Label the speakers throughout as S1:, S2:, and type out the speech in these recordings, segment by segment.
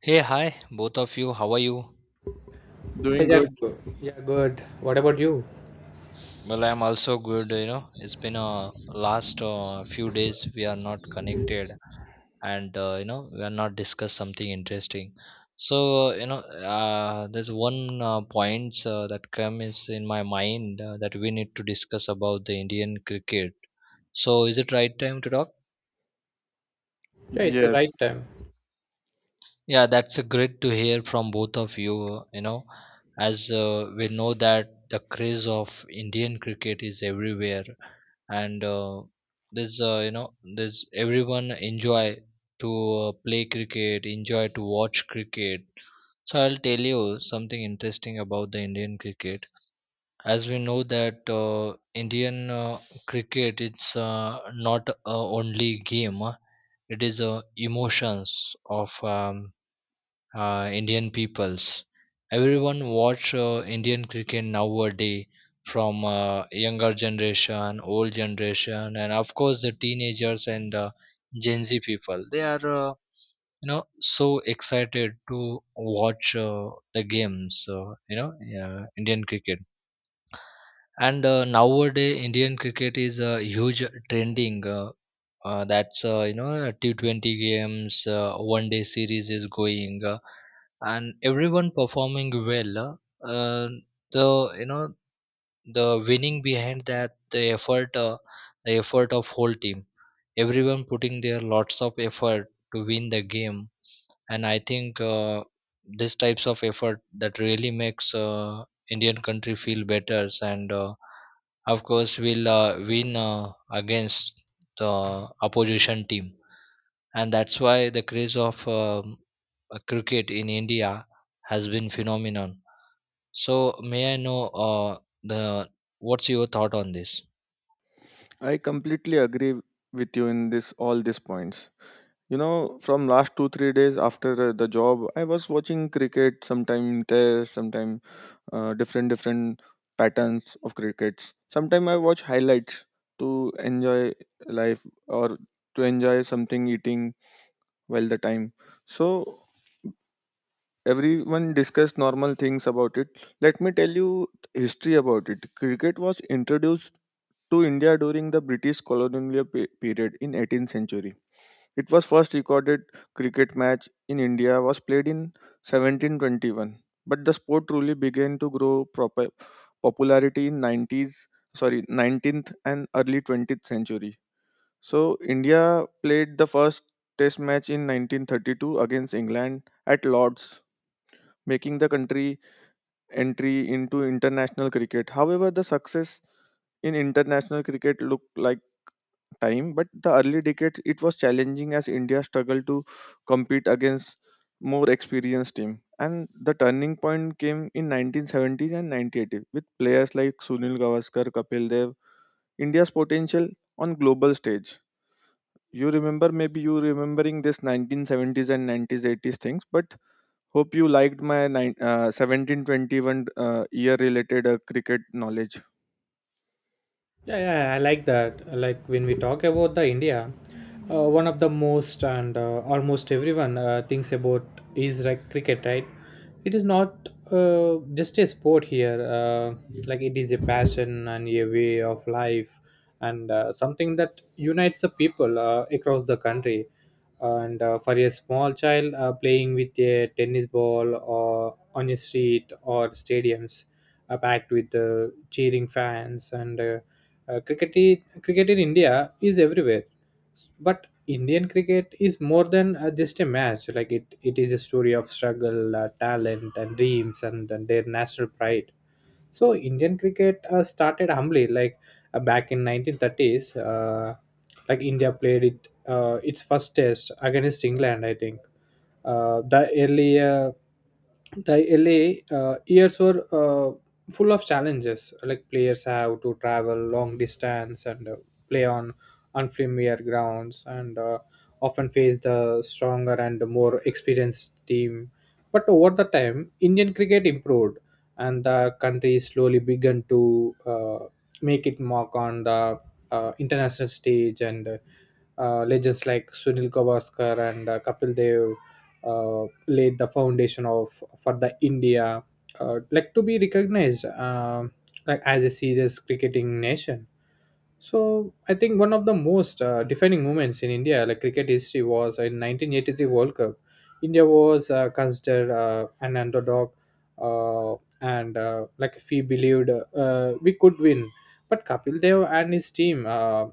S1: Hey, hi, both of you. How are you?
S2: Hey,
S3: Doing
S2: yeah,
S3: good.
S2: good. Yeah, good. What about you?
S1: Well, I'm also good. You know, it's been a last few days we are not connected, and we are not discussed something interesting. So uh, you know, there's one point that comes in my mind that we need to discuss about the Indian cricket. So is it right time to talk?
S2: Yeah, it's the
S3: Yes,
S2: right time.
S1: Yeah, that's a great to hear from both of you. You know, as we know that the craze of Indian cricket is everywhere, and there's you know there's everyone enjoy to play cricket, enjoy to watch cricket. So I'll tell you something interesting about the Indian cricket. As we know that Indian cricket, it's not only game. It is emotions of Indian peoples. Everyone watch Indian cricket nowadays from younger generation, old generation, and of course the teenagers and Gen Z people. They are so excited to watch the games. Indian cricket. And nowadays Indian cricket is a huge trending. That's you know T20 games, one day series is going, and everyone performing well. Uh, uh, the you know the winning behind that the effort of whole team, everyone putting their lots of effort to win the game, and I think these types of effort that really makes Indian country feel better and. Of course will win against the opposition team, and that's why the craze of cricket in India has been phenomenon. So may I know uh, the what's your thought on this?
S3: I completely agree with you in this all these points. You know, from last 2 3 days after the job, I was watching cricket. Sometime test, sometime different patterns of crickets. Sometime I watch highlights to enjoy life or to enjoy something eating while the time. So everyone discussed normal things about it. Let me tell you history about it. Cricket was introduced to India during the British colonial period in 18th century. It was first recorded cricket match in India was played in 1721, but the sport truly began to grow proper popularity in 90s, sorry, 19th and early 20th century. So India played the first test match in 1932 against England at Lord's, making the country entry into international cricket. However, the success in international cricket looked like time, but the early decades it was challenging as India struggled to compete against more experienced team. And the turning point came in 1970s and 1980s with players like Sunil Gavaskar, Kapil Dev, India's potential on global stage. You remember, maybe you remembering this 1970s and 1980s things, but hope you liked my 1721 year related cricket knowledge.
S2: Yeah, yeah, I like that. Like when we talk about the India, one of the most and almost everyone thinks about is like cricket, right? It is not just a sport here. Like it is a passion and a way of life, and something that unites the people across the country. And for a small child playing with a tennis ball or on a street or stadiums, packed with cheering fans and cricket in India is everywhere, but Indian cricket is more than just a match. Like it is a story of struggle, talent, and dreams, and their national pride. So Indian cricket started humbly, like back in 1930s. Like India played it its first test against England, I think. Uh, the earlier the early years were uh, full of challenges like players have to travel long distance and play on unfamiliar grounds and often face the stronger and more experienced team, but over the time Indian cricket improved, and the country slowly began to uh, make it mark on the international stage. And legends like Sunil Gavaskar and Kapil Dev uh, laid the foundation of for the India, like to be recognized like as a serious cricketing nation. So I think one of the most defining moments in India, like cricket history, was in 1983 World Cup. India was considered an underdog, uh, and like we believed we could win, but Kapil Dev and his team, uh,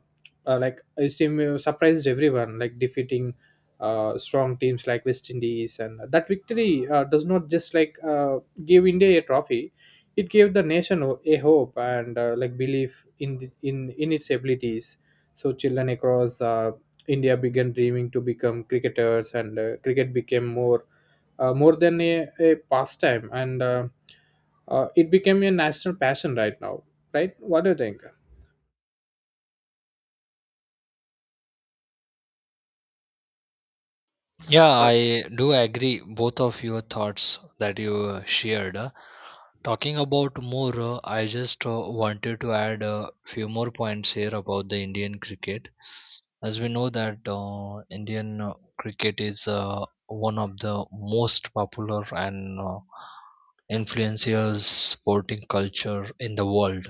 S2: uh, like his team, surprised everyone, like defeating strong teams like West Indies, and that victory does not just like gave India a trophy. It gave the nation a hope and like belief in the, in its abilities. So children across India began dreaming to become cricketers, and cricket became more more than a pastime, and it became a national passion right now. Right? What do you think?
S1: Yeah,
S3: Uh,
S1: I do agree both of your thoughts that you shared. Talking about more, I just wanted to add a few more points here about the Indian cricket. As we know that Indian cricket is one of the most popular and influential sporting culture in the world.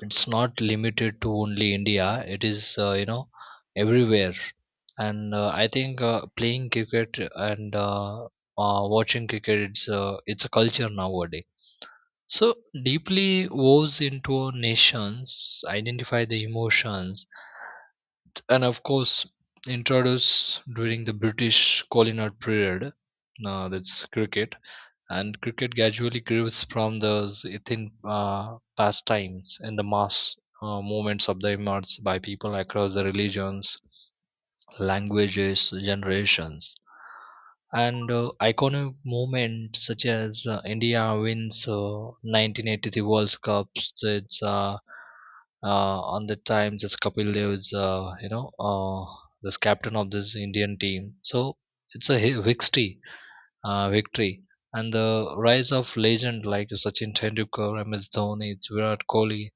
S1: It's not limited to only India. It is everywhere, and I think playing cricket and watching cricket it's a culture nowadays. So deeply woves into our nations, identify the emotions, and of course introduced during the British colonial period. Now that's cricket, and cricket gradually grows from those Athenian pastimes and the mass movements of the immigrants by people across the religions, languages, generations. And iconic movements such as India wins 1983 World Cups. It's on the time this Kapil Dev is this captain of this Indian team. So it's a history victory and the rise of legend like Sachin Tendulkar, MS Dhoni, Virat Kohli,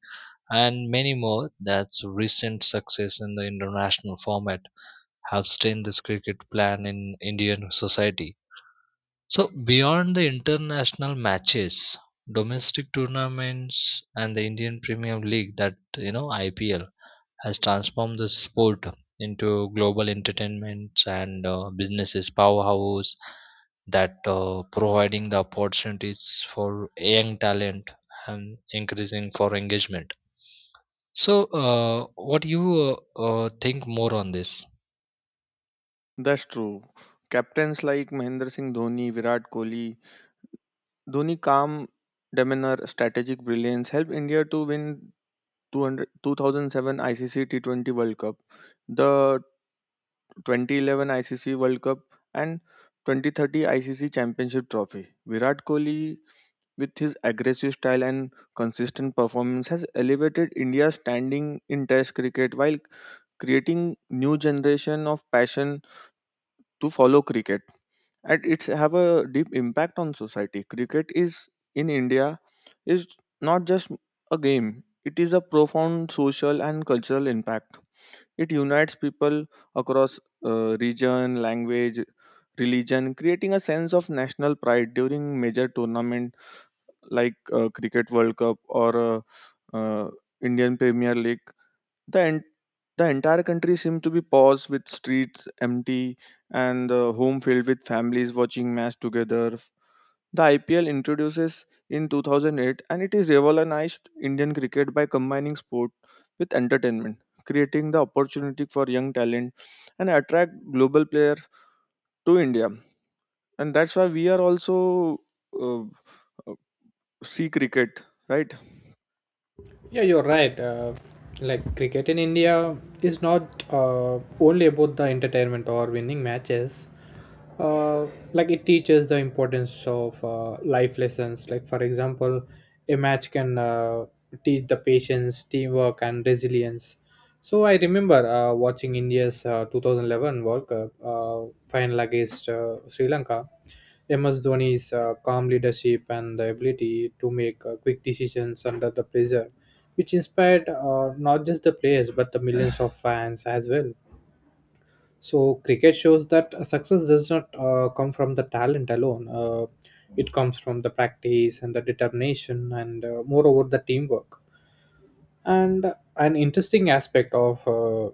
S1: and many more. That's recent success in the international format have stained this cricket plan in Indian society. So beyond the international matches, domestic tournaments and the Indian Premier League, that you know IPL has transformed the sport into global entertainments and businesses powerhouse that providing the opportunities for young talent and increasing for engagement. So uh, what you think more on this?
S3: That's true. Captains like Mahendra Singh Dhoni, Virat Kohli, Dhoni calm demeanor, strategic brilliance helped India to win two thousand seven 2007 ICC T20 World Cup. The 2011 ICC World Cup and 2030 ICC Championship Trophy. Virat Kohli, with his aggressive style and consistent performance, has elevated India's standing in Test cricket while creating new generation of passion to follow cricket. And it's have a deep impact on society. Cricket is in India is not just a game; it is a profound social and cultural impact. It unites people across region, language, religion, creating a sense of national pride during major tournament like Cricket World Cup or uh, uh, Indian Premier League. The en- the entire country seemed to be paused with streets empty and the home filled with families watching match together the IPL introduces in 2008 and it is revolutionized Indian cricket by combining sport with entertainment, creating the opportunity for young talent and attract global player to India. And that's why we are also uh, uh, see cricket, right?
S2: Yeah, you're right. Like cricket in India is not only about the entertainment or winning matches. Uh, like it teaches the importance of life lessons. Like for example, a match can teach the patience, teamwork, and resilience. So I remember watching India's 2011 World Cup final against Sri Lanka. MS Dhoni's calm leadership and the ability to make quick decisions under the pressure, which inspired not just the players but the millions of fans as well. So cricket shows that success does not come from the talent alone. It comes from the practice and the determination and moreover the teamwork. And an interesting aspect of uh,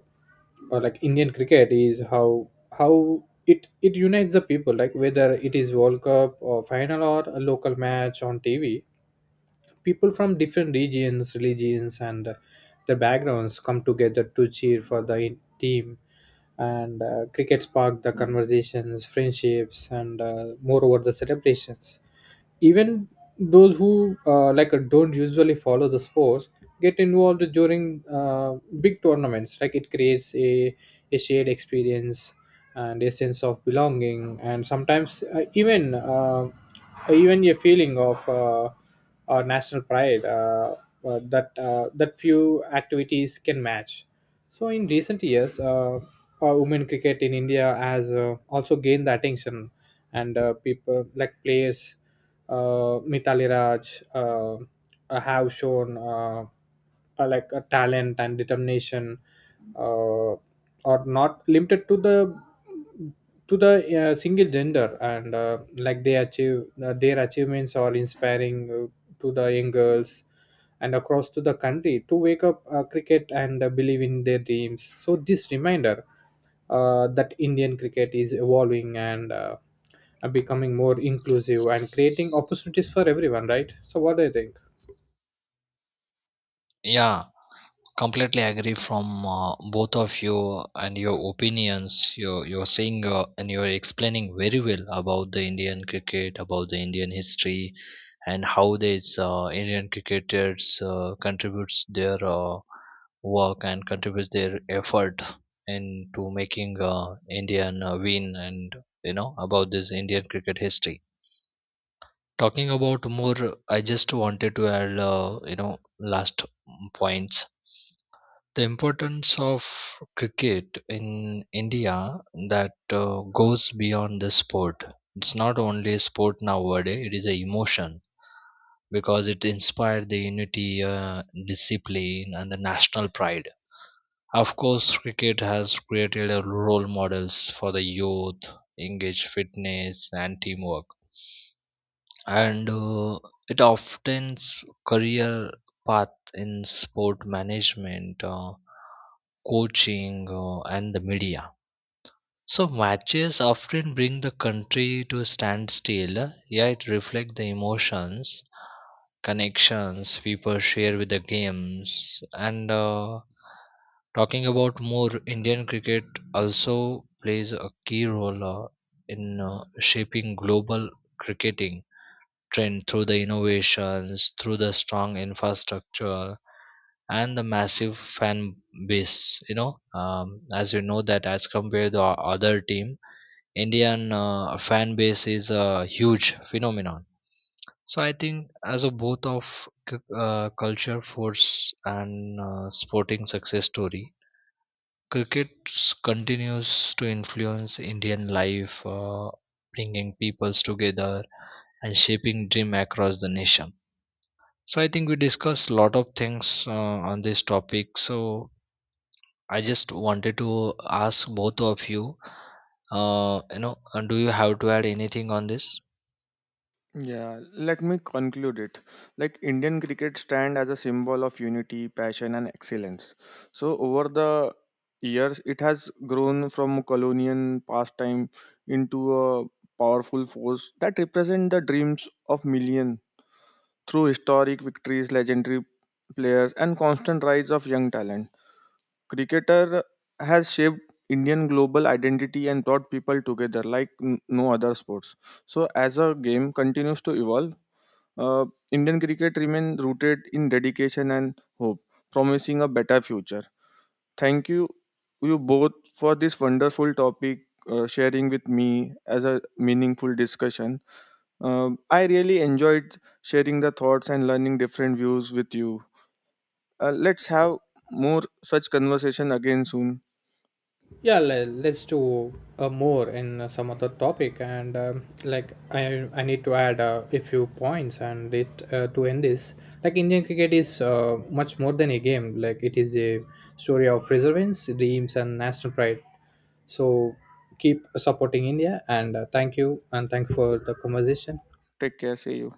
S2: uh, like Indian cricket is how how it unites the people, like whether it is World Cup or final or a local match on TV. People from different regions, religions, and their backgrounds come together to cheer for the team. And cricket sparked the conversations, friendships, and moreover the celebrations. Even those who don't usually follow the sports get involved during big tournaments. Like it creates a shared experience and a sense of belonging, and sometimes even a feeling of national pride that few activities can match. So in recent years, women cricket in India has also gained the attention, and people like players, Mithali Raj, have shown like a talent and determination, uh, are not limited to the single gender, and like they achieve their achievements are inspiring to the young girls and across to the country to wake up cricket and believe in their dreams. So this reminder that Indian cricket is evolving and becoming more inclusive and creating opportunities for everyone, right? So what do you think?
S1: Yeah, completely agree from both of you and your opinions. You're saying and you're explaining very well about the Indian cricket, about the Indian history, and how these Indian cricketers contributes their work and contributes their effort into making Indian win, and you know about this Indian cricket history. Talking about more, I just wanted to add last points. The importance of cricket in India that goes beyond the sport. It's not only a sport nowadays; it is a emotion because it inspired the unity, discipline, and the national pride. Of course, cricket has created a role models for the youth, engage fitness, and teamwork. And it often's career path in sport management, coaching, and the media. So matches often bring the country to a standstill, yet reflect the emotions connections people share with the games. And talking about more, Indian cricket also plays a key role in shaping global cricketing trend through the innovations, through the strong infrastructure and the massive fan base. you know um, as you know that as compared to our other team, Indian fan base is a huge phenomenon. So I think as a both of culture force and sporting success story, continues to influence Indian life, bringing peoples together and shaping dream across the nation. So I think we discussed a lot of things on this topic. So I just wanted to ask both of you, do you have to add anything on this?
S3: Yeah, let me conclude it. Like Indian cricket stand as a symbol of unity, passion, and excellence. So over the years, it has grown from colonial pastime into a powerful force that represents the dreams of millions through historic victories, legendary players, and constant rise of young talent. Cricketer has shaped Indian global identity and brought people together like no other sports. So, as a game continues to evolve, uh, Indian cricket remains rooted in dedication and hope, promising a better future. Thank you, you both, for this wonderful topic. Sharing with me as a meaningful discussion. I really enjoyed sharing the thoughts and learning different views with you. Let's have more such conversation again soon.
S2: Yeah, let's do more in some other topic. And Like I need to add a few points and it to end this. Like Indian cricket is much more than a game. Like it is a story of resilience, dreams, and national pride. So keep supporting India, and thank you, and thank you for the conversation.
S3: Take care. See you.